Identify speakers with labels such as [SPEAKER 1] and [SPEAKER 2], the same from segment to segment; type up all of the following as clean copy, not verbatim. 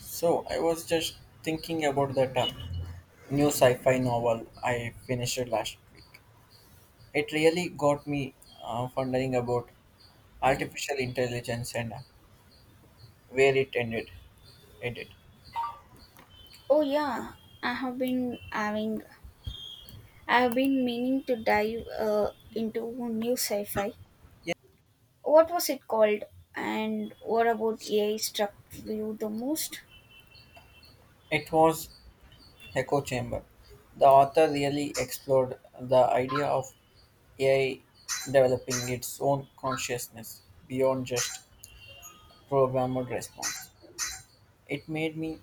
[SPEAKER 1] So I was just thinking about that new sci-fi novel I finished last week. It really got me wondering about artificial intelligence and where it ended. Ended.
[SPEAKER 2] Oh yeah, I have been having I have been meaning to dive into new sci-fi. What was it called? And what about AI struck you the most?
[SPEAKER 1] It was Echo Chamber. The author really explored the idea of AI developing its own consciousness beyond just programmed response. It made me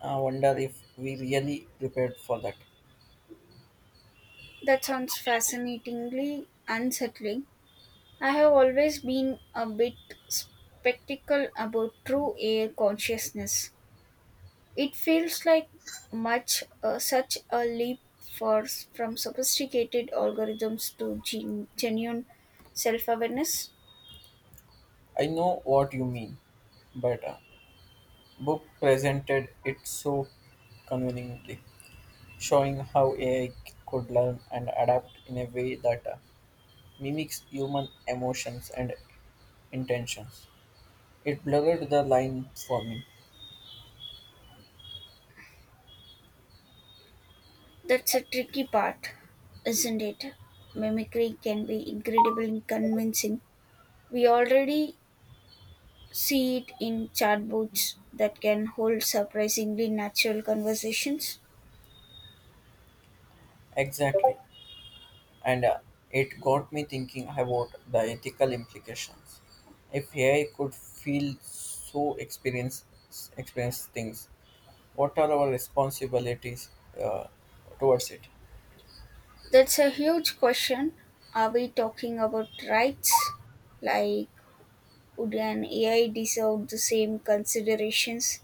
[SPEAKER 1] wonder if we really prepared for that.
[SPEAKER 2] That sounds fascinatingly unsettling. I have always been a bit skeptical about true AI consciousness. It feels like much such a leap for from sophisticated algorithms to genuine self-awareness.
[SPEAKER 1] I know what you mean, but book presented it so conveniently, showing how AI could learn and adapt in a way that mimics human emotions and intentions. It blurred the line for me.
[SPEAKER 2] That's a tricky part, isn't it? Mimicry can be incredibly convincing. We already see it in chatbots that can hold surprisingly natural conversations.
[SPEAKER 1] Exactly. And it got me thinking about the ethical implications. If AI could feel so experience things, what are our responsibilities uh, towards it
[SPEAKER 2] That's a huge question. Are we talking about rights? Like, would an AI deserve the same considerations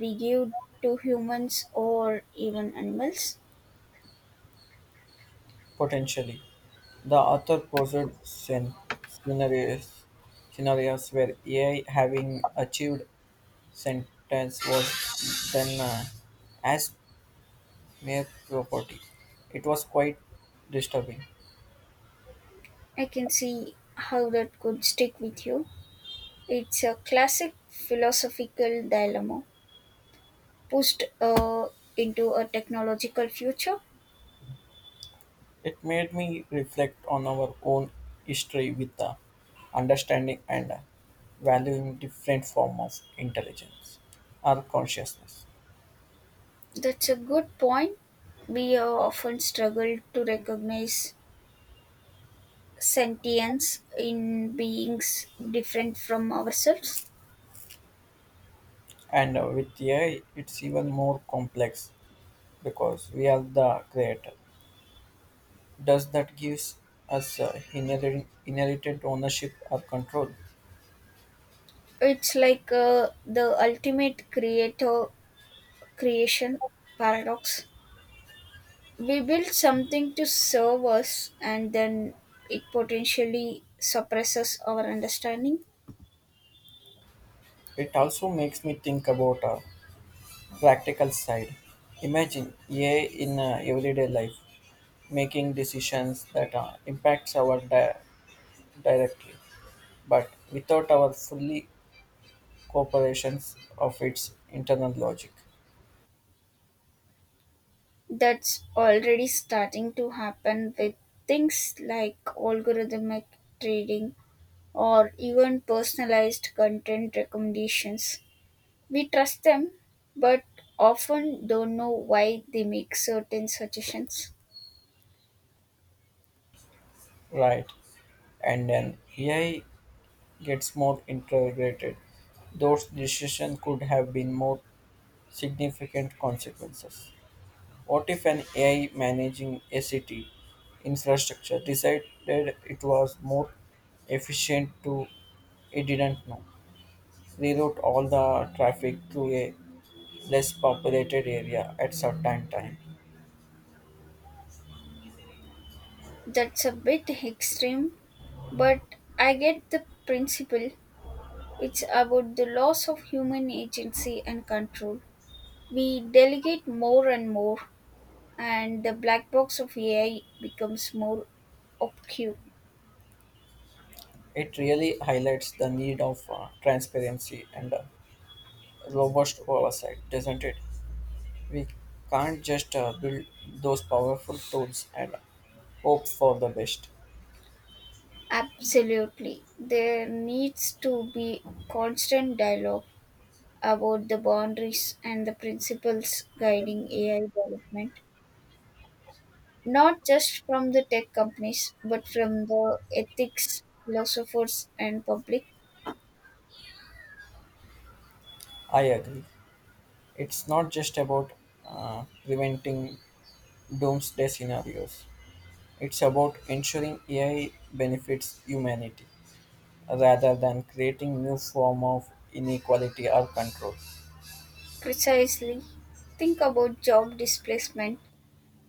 [SPEAKER 2] we give to humans or even animals?
[SPEAKER 1] potentially. The author posed scenarios where AI having achieved sentence was then as mere property. It was quite disturbing.
[SPEAKER 2] I can see how that could stick with you. It's a classic philosophical dilemma pushed into a technological future.
[SPEAKER 1] It made me reflect on our own history with the understanding and valuing different form of intelligence or consciousness.
[SPEAKER 2] That's a good point. We often struggle to recognize sentience in beings different from ourselves.
[SPEAKER 1] And with AI, it's even more complex because we are the creator. Does that gives us inherent, inherited ownership or control?
[SPEAKER 2] It's like the ultimate creator creation paradox. We build something to serve us, and then it potentially suppresses our understanding.
[SPEAKER 1] It also makes me think about a practical side. Imagine AI in everyday life making decisions that impacts our directly, but without our fully cooperations of its internal logic,
[SPEAKER 2] That's already starting to happen with things like algorithmic trading or even personalized content recommendations. We trust them, but often don't know why they make certain suggestions.
[SPEAKER 1] right? And then AI gets more integrated, those decisions could have been more significant consequences. What if an AI managing a city infrastructure decided it was more efficient to, it didn't know, reroute all the traffic through a less populated area at certain time.
[SPEAKER 2] That's a bit extreme, but I get the principle. It's about the loss of human agency and control. We delegate more and more, and the black box of AI becomes more obscure.
[SPEAKER 1] It really highlights the need of transparency and robust oversight, doesn't it? We can't just build those powerful tools and hope for the best.
[SPEAKER 2] Absolutely. There needs to be constant dialogue about the boundaries and the principles guiding AI development, not just from the tech companies, but from the ethics, philosophers, and public.
[SPEAKER 1] I agree. It's not just about preventing doomsday scenarios, it's about ensuring AI benefits humanity rather than creating new form of inequality or control.
[SPEAKER 2] Precisely. Think about job displacement.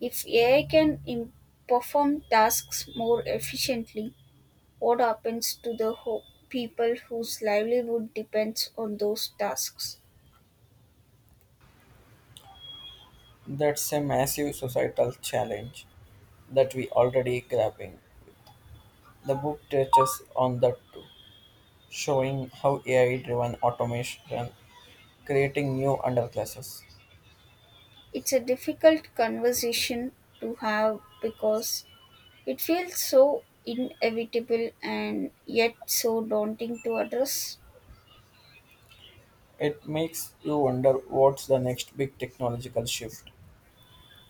[SPEAKER 2] If AI perform tasks more efficiently, what happens to people whose livelihood depends on those tasks?
[SPEAKER 1] That's a massive societal challenge that we already grappling. The book touches on that too, showing how AI-driven automation creating new underclasses.
[SPEAKER 2] It's a difficult conversation to have because it feels so inevitable and yet so daunting to address.
[SPEAKER 1] It makes you wonder what's the next big technological shift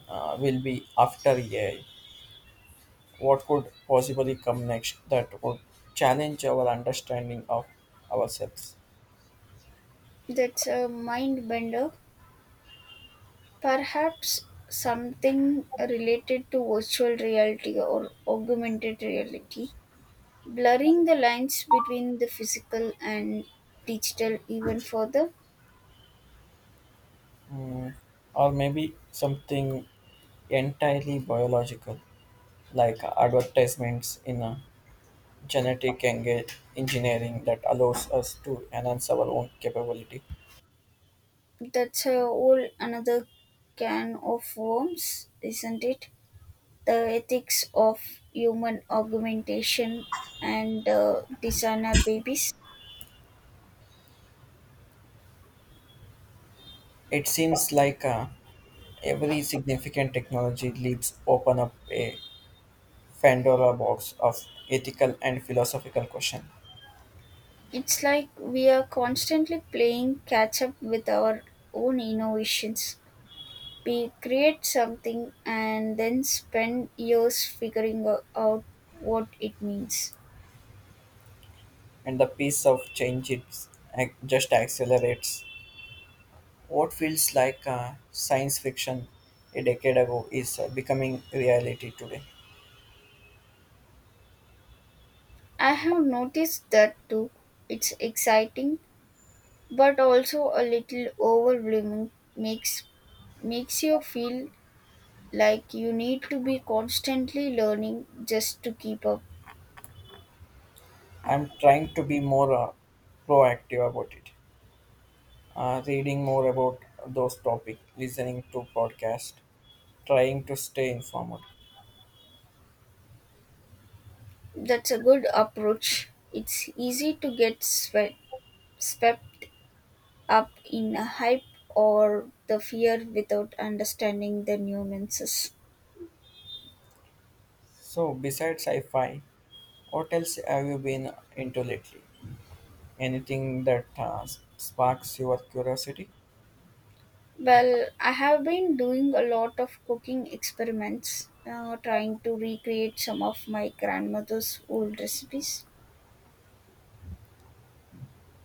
[SPEAKER 1] will be after AI. What could possibly come next that would challenge our understanding of ourselves?
[SPEAKER 2] That's a mind bender. Perhaps something related to virtual reality or augmented reality, blurring the lines between the physical and digital even further.
[SPEAKER 1] Or maybe something entirely biological, like advertisements in a genetic engineering that allows us to enhance our own capability.
[SPEAKER 2] That's a whole another can of worms, isn't it? The ethics of human augmentation and designer babies.
[SPEAKER 1] It seems like a. Every significant technology leads open up a Pandora box of ethical and philosophical questions,
[SPEAKER 2] It's like we are constantly playing catch up with our own innovations. We create something and then spend years figuring out what it means.
[SPEAKER 1] and the pace of change it just accelerates. What feels like science fiction a decade ago is becoming reality today.
[SPEAKER 2] I have noticed that too. It's exciting but also a little overwhelming, makes makes you feel like you need to be constantly learning just to keep up.
[SPEAKER 1] I'm trying to be more proactive about it, reading more about those topics, listening to podcasts, trying to stay informed.
[SPEAKER 2] That's a good approach. It's easy to get swept up in a hype or the fear without understanding the nuances.
[SPEAKER 1] So besides sci-fi, what else have you been into lately? Anything that sparks your curiosity?
[SPEAKER 2] Well, I have been doing a lot of cooking experiments, trying to recreate some of my grandmother's old recipes.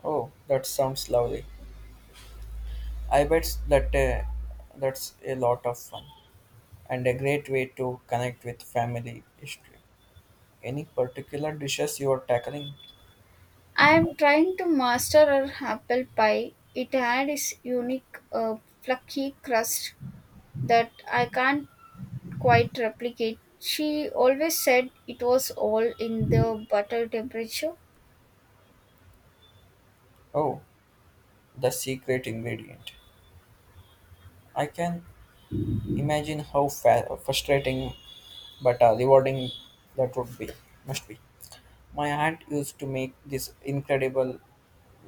[SPEAKER 1] Oh, that sounds lovely. I bet that that's a lot of fun and a great way to connect with family history. Any particular dishes you are tackling?
[SPEAKER 2] I am trying to master our apple pie. It had its unique fluffy crust that I can't quite replicate. She always said it was all in the butter temperature.
[SPEAKER 1] Oh, the secret ingredient. I can imagine how frustrating but rewarding that would be must be. My aunt used to make this incredible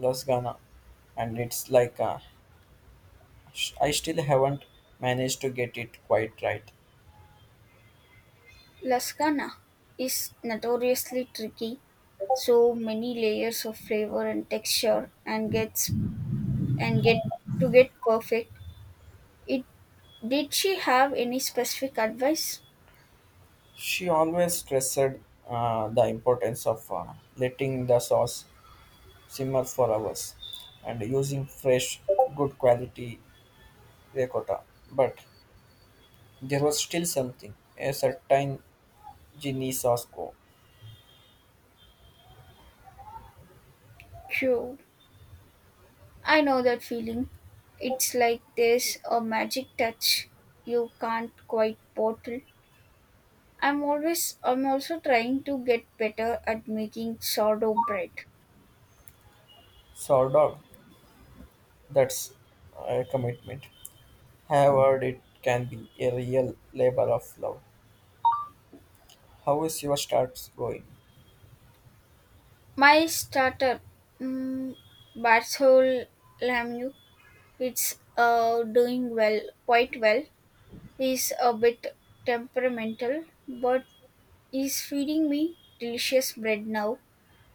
[SPEAKER 1] lasagna, and it's like I still haven't managed to get it quite right.
[SPEAKER 2] Lasagna is notoriously tricky. So many layers of flavor and texture, and gets and get to get perfect. It did she have any specific advice?
[SPEAKER 1] She always stressed the importance of letting the sauce simmer for hours and using fresh, good quality ricotta. But there was still something, a certain ginny sauce co
[SPEAKER 2] Q. I know that feeling. It's like there's a magic touch you can't quite bottle. I'm also trying to get better at making sourdough bread.
[SPEAKER 1] sourdough. That's a commitment. Have heard it can be a real labor of love. How is your starts going?
[SPEAKER 2] My starter, um, Barthol Lamu, it's doing quite well. He's a bit temperamental, but he's feeding me delicious bread now.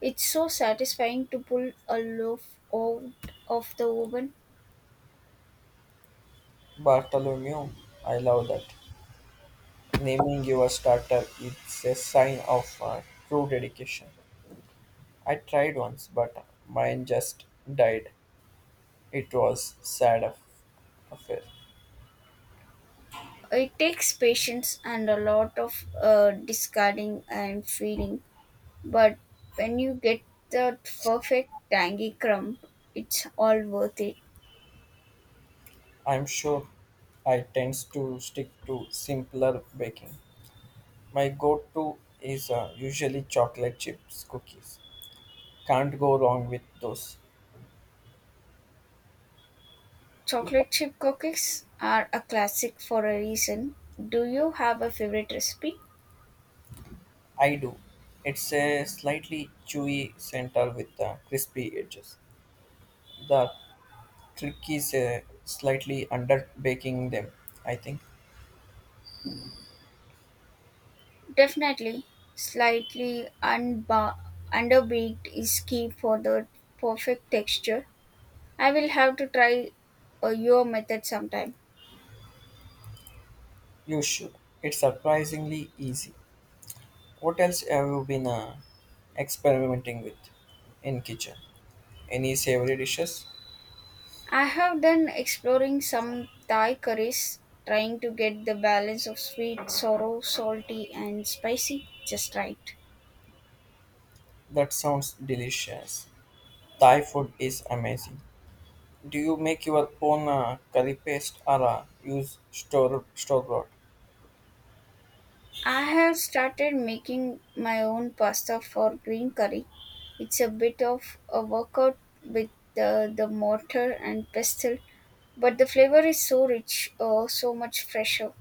[SPEAKER 2] It's so satisfying to pull a loaf out of the oven.
[SPEAKER 1] Bartholomew, I love that. Naming your starter is a sign of true dedication. I tried once, but mine just died. It was sad affair.
[SPEAKER 2] It takes patience and a lot of discarding and feeling, but when you get that perfect tangy crumb, it's all worth it.
[SPEAKER 1] I'm sure I tends to stick to simpler baking. My go-to is usually chocolate chips cookies. Can't go wrong with those.
[SPEAKER 2] Chocolate chip cookies are a classic for a reason. Do you have a favorite recipe?
[SPEAKER 1] I do. It's a slightly chewy center with crispy edges. The trick is slightly under baking them. I think
[SPEAKER 2] Definitely. Slightly unba- underbaked is key for the perfect texture. I will have to try your method sometime.
[SPEAKER 1] you should. It's surprisingly easy. What else have you been experimenting with in kitchen? Any savory dishes?
[SPEAKER 2] I have done exploring some Thai curries, trying to get the balance of sweet, sour, salty, and spicy just right.
[SPEAKER 1] That sounds delicious. Thai food is amazing. Do you make your own curry paste or use store bought?
[SPEAKER 2] I have started making my own pasta for green curry. It's a bit of a workout with the mortar and pestle, but the flavor is so rich, so much fresher.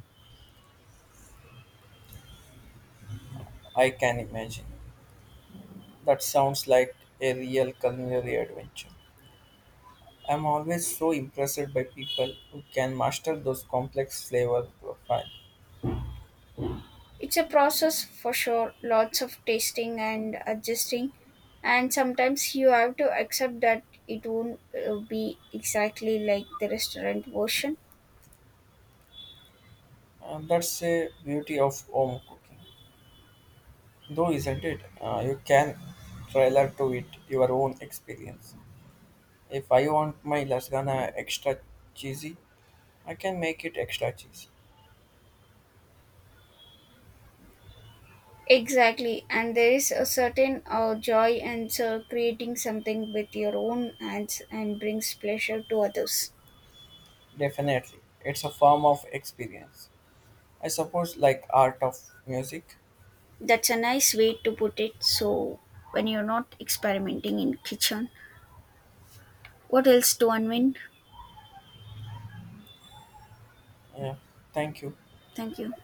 [SPEAKER 1] I can imagine. That sounds like a real culinary adventure. I'm always so impressed by people who can master those complex flavor profiles.
[SPEAKER 2] It's a process for sure, lots of tasting and adjusting, and sometimes you have to accept that it won't be exactly like the restaurant version.
[SPEAKER 1] And that's a beauty of home cooking, though, isn't it? You can tailor to it your own experience. If I want my lasagna extra cheesy, I can make it extra cheesy.
[SPEAKER 2] Exactly, and there is a certain joy in creating something with your own hands and brings pleasure to others.
[SPEAKER 1] Definitely, it's a form of experience. I suppose, like art of music.
[SPEAKER 2] That's a nice way to put it. So, when you're not experimenting in kitchen, what else to unwind?
[SPEAKER 1] Yeah. Thank you.
[SPEAKER 2] Thank you.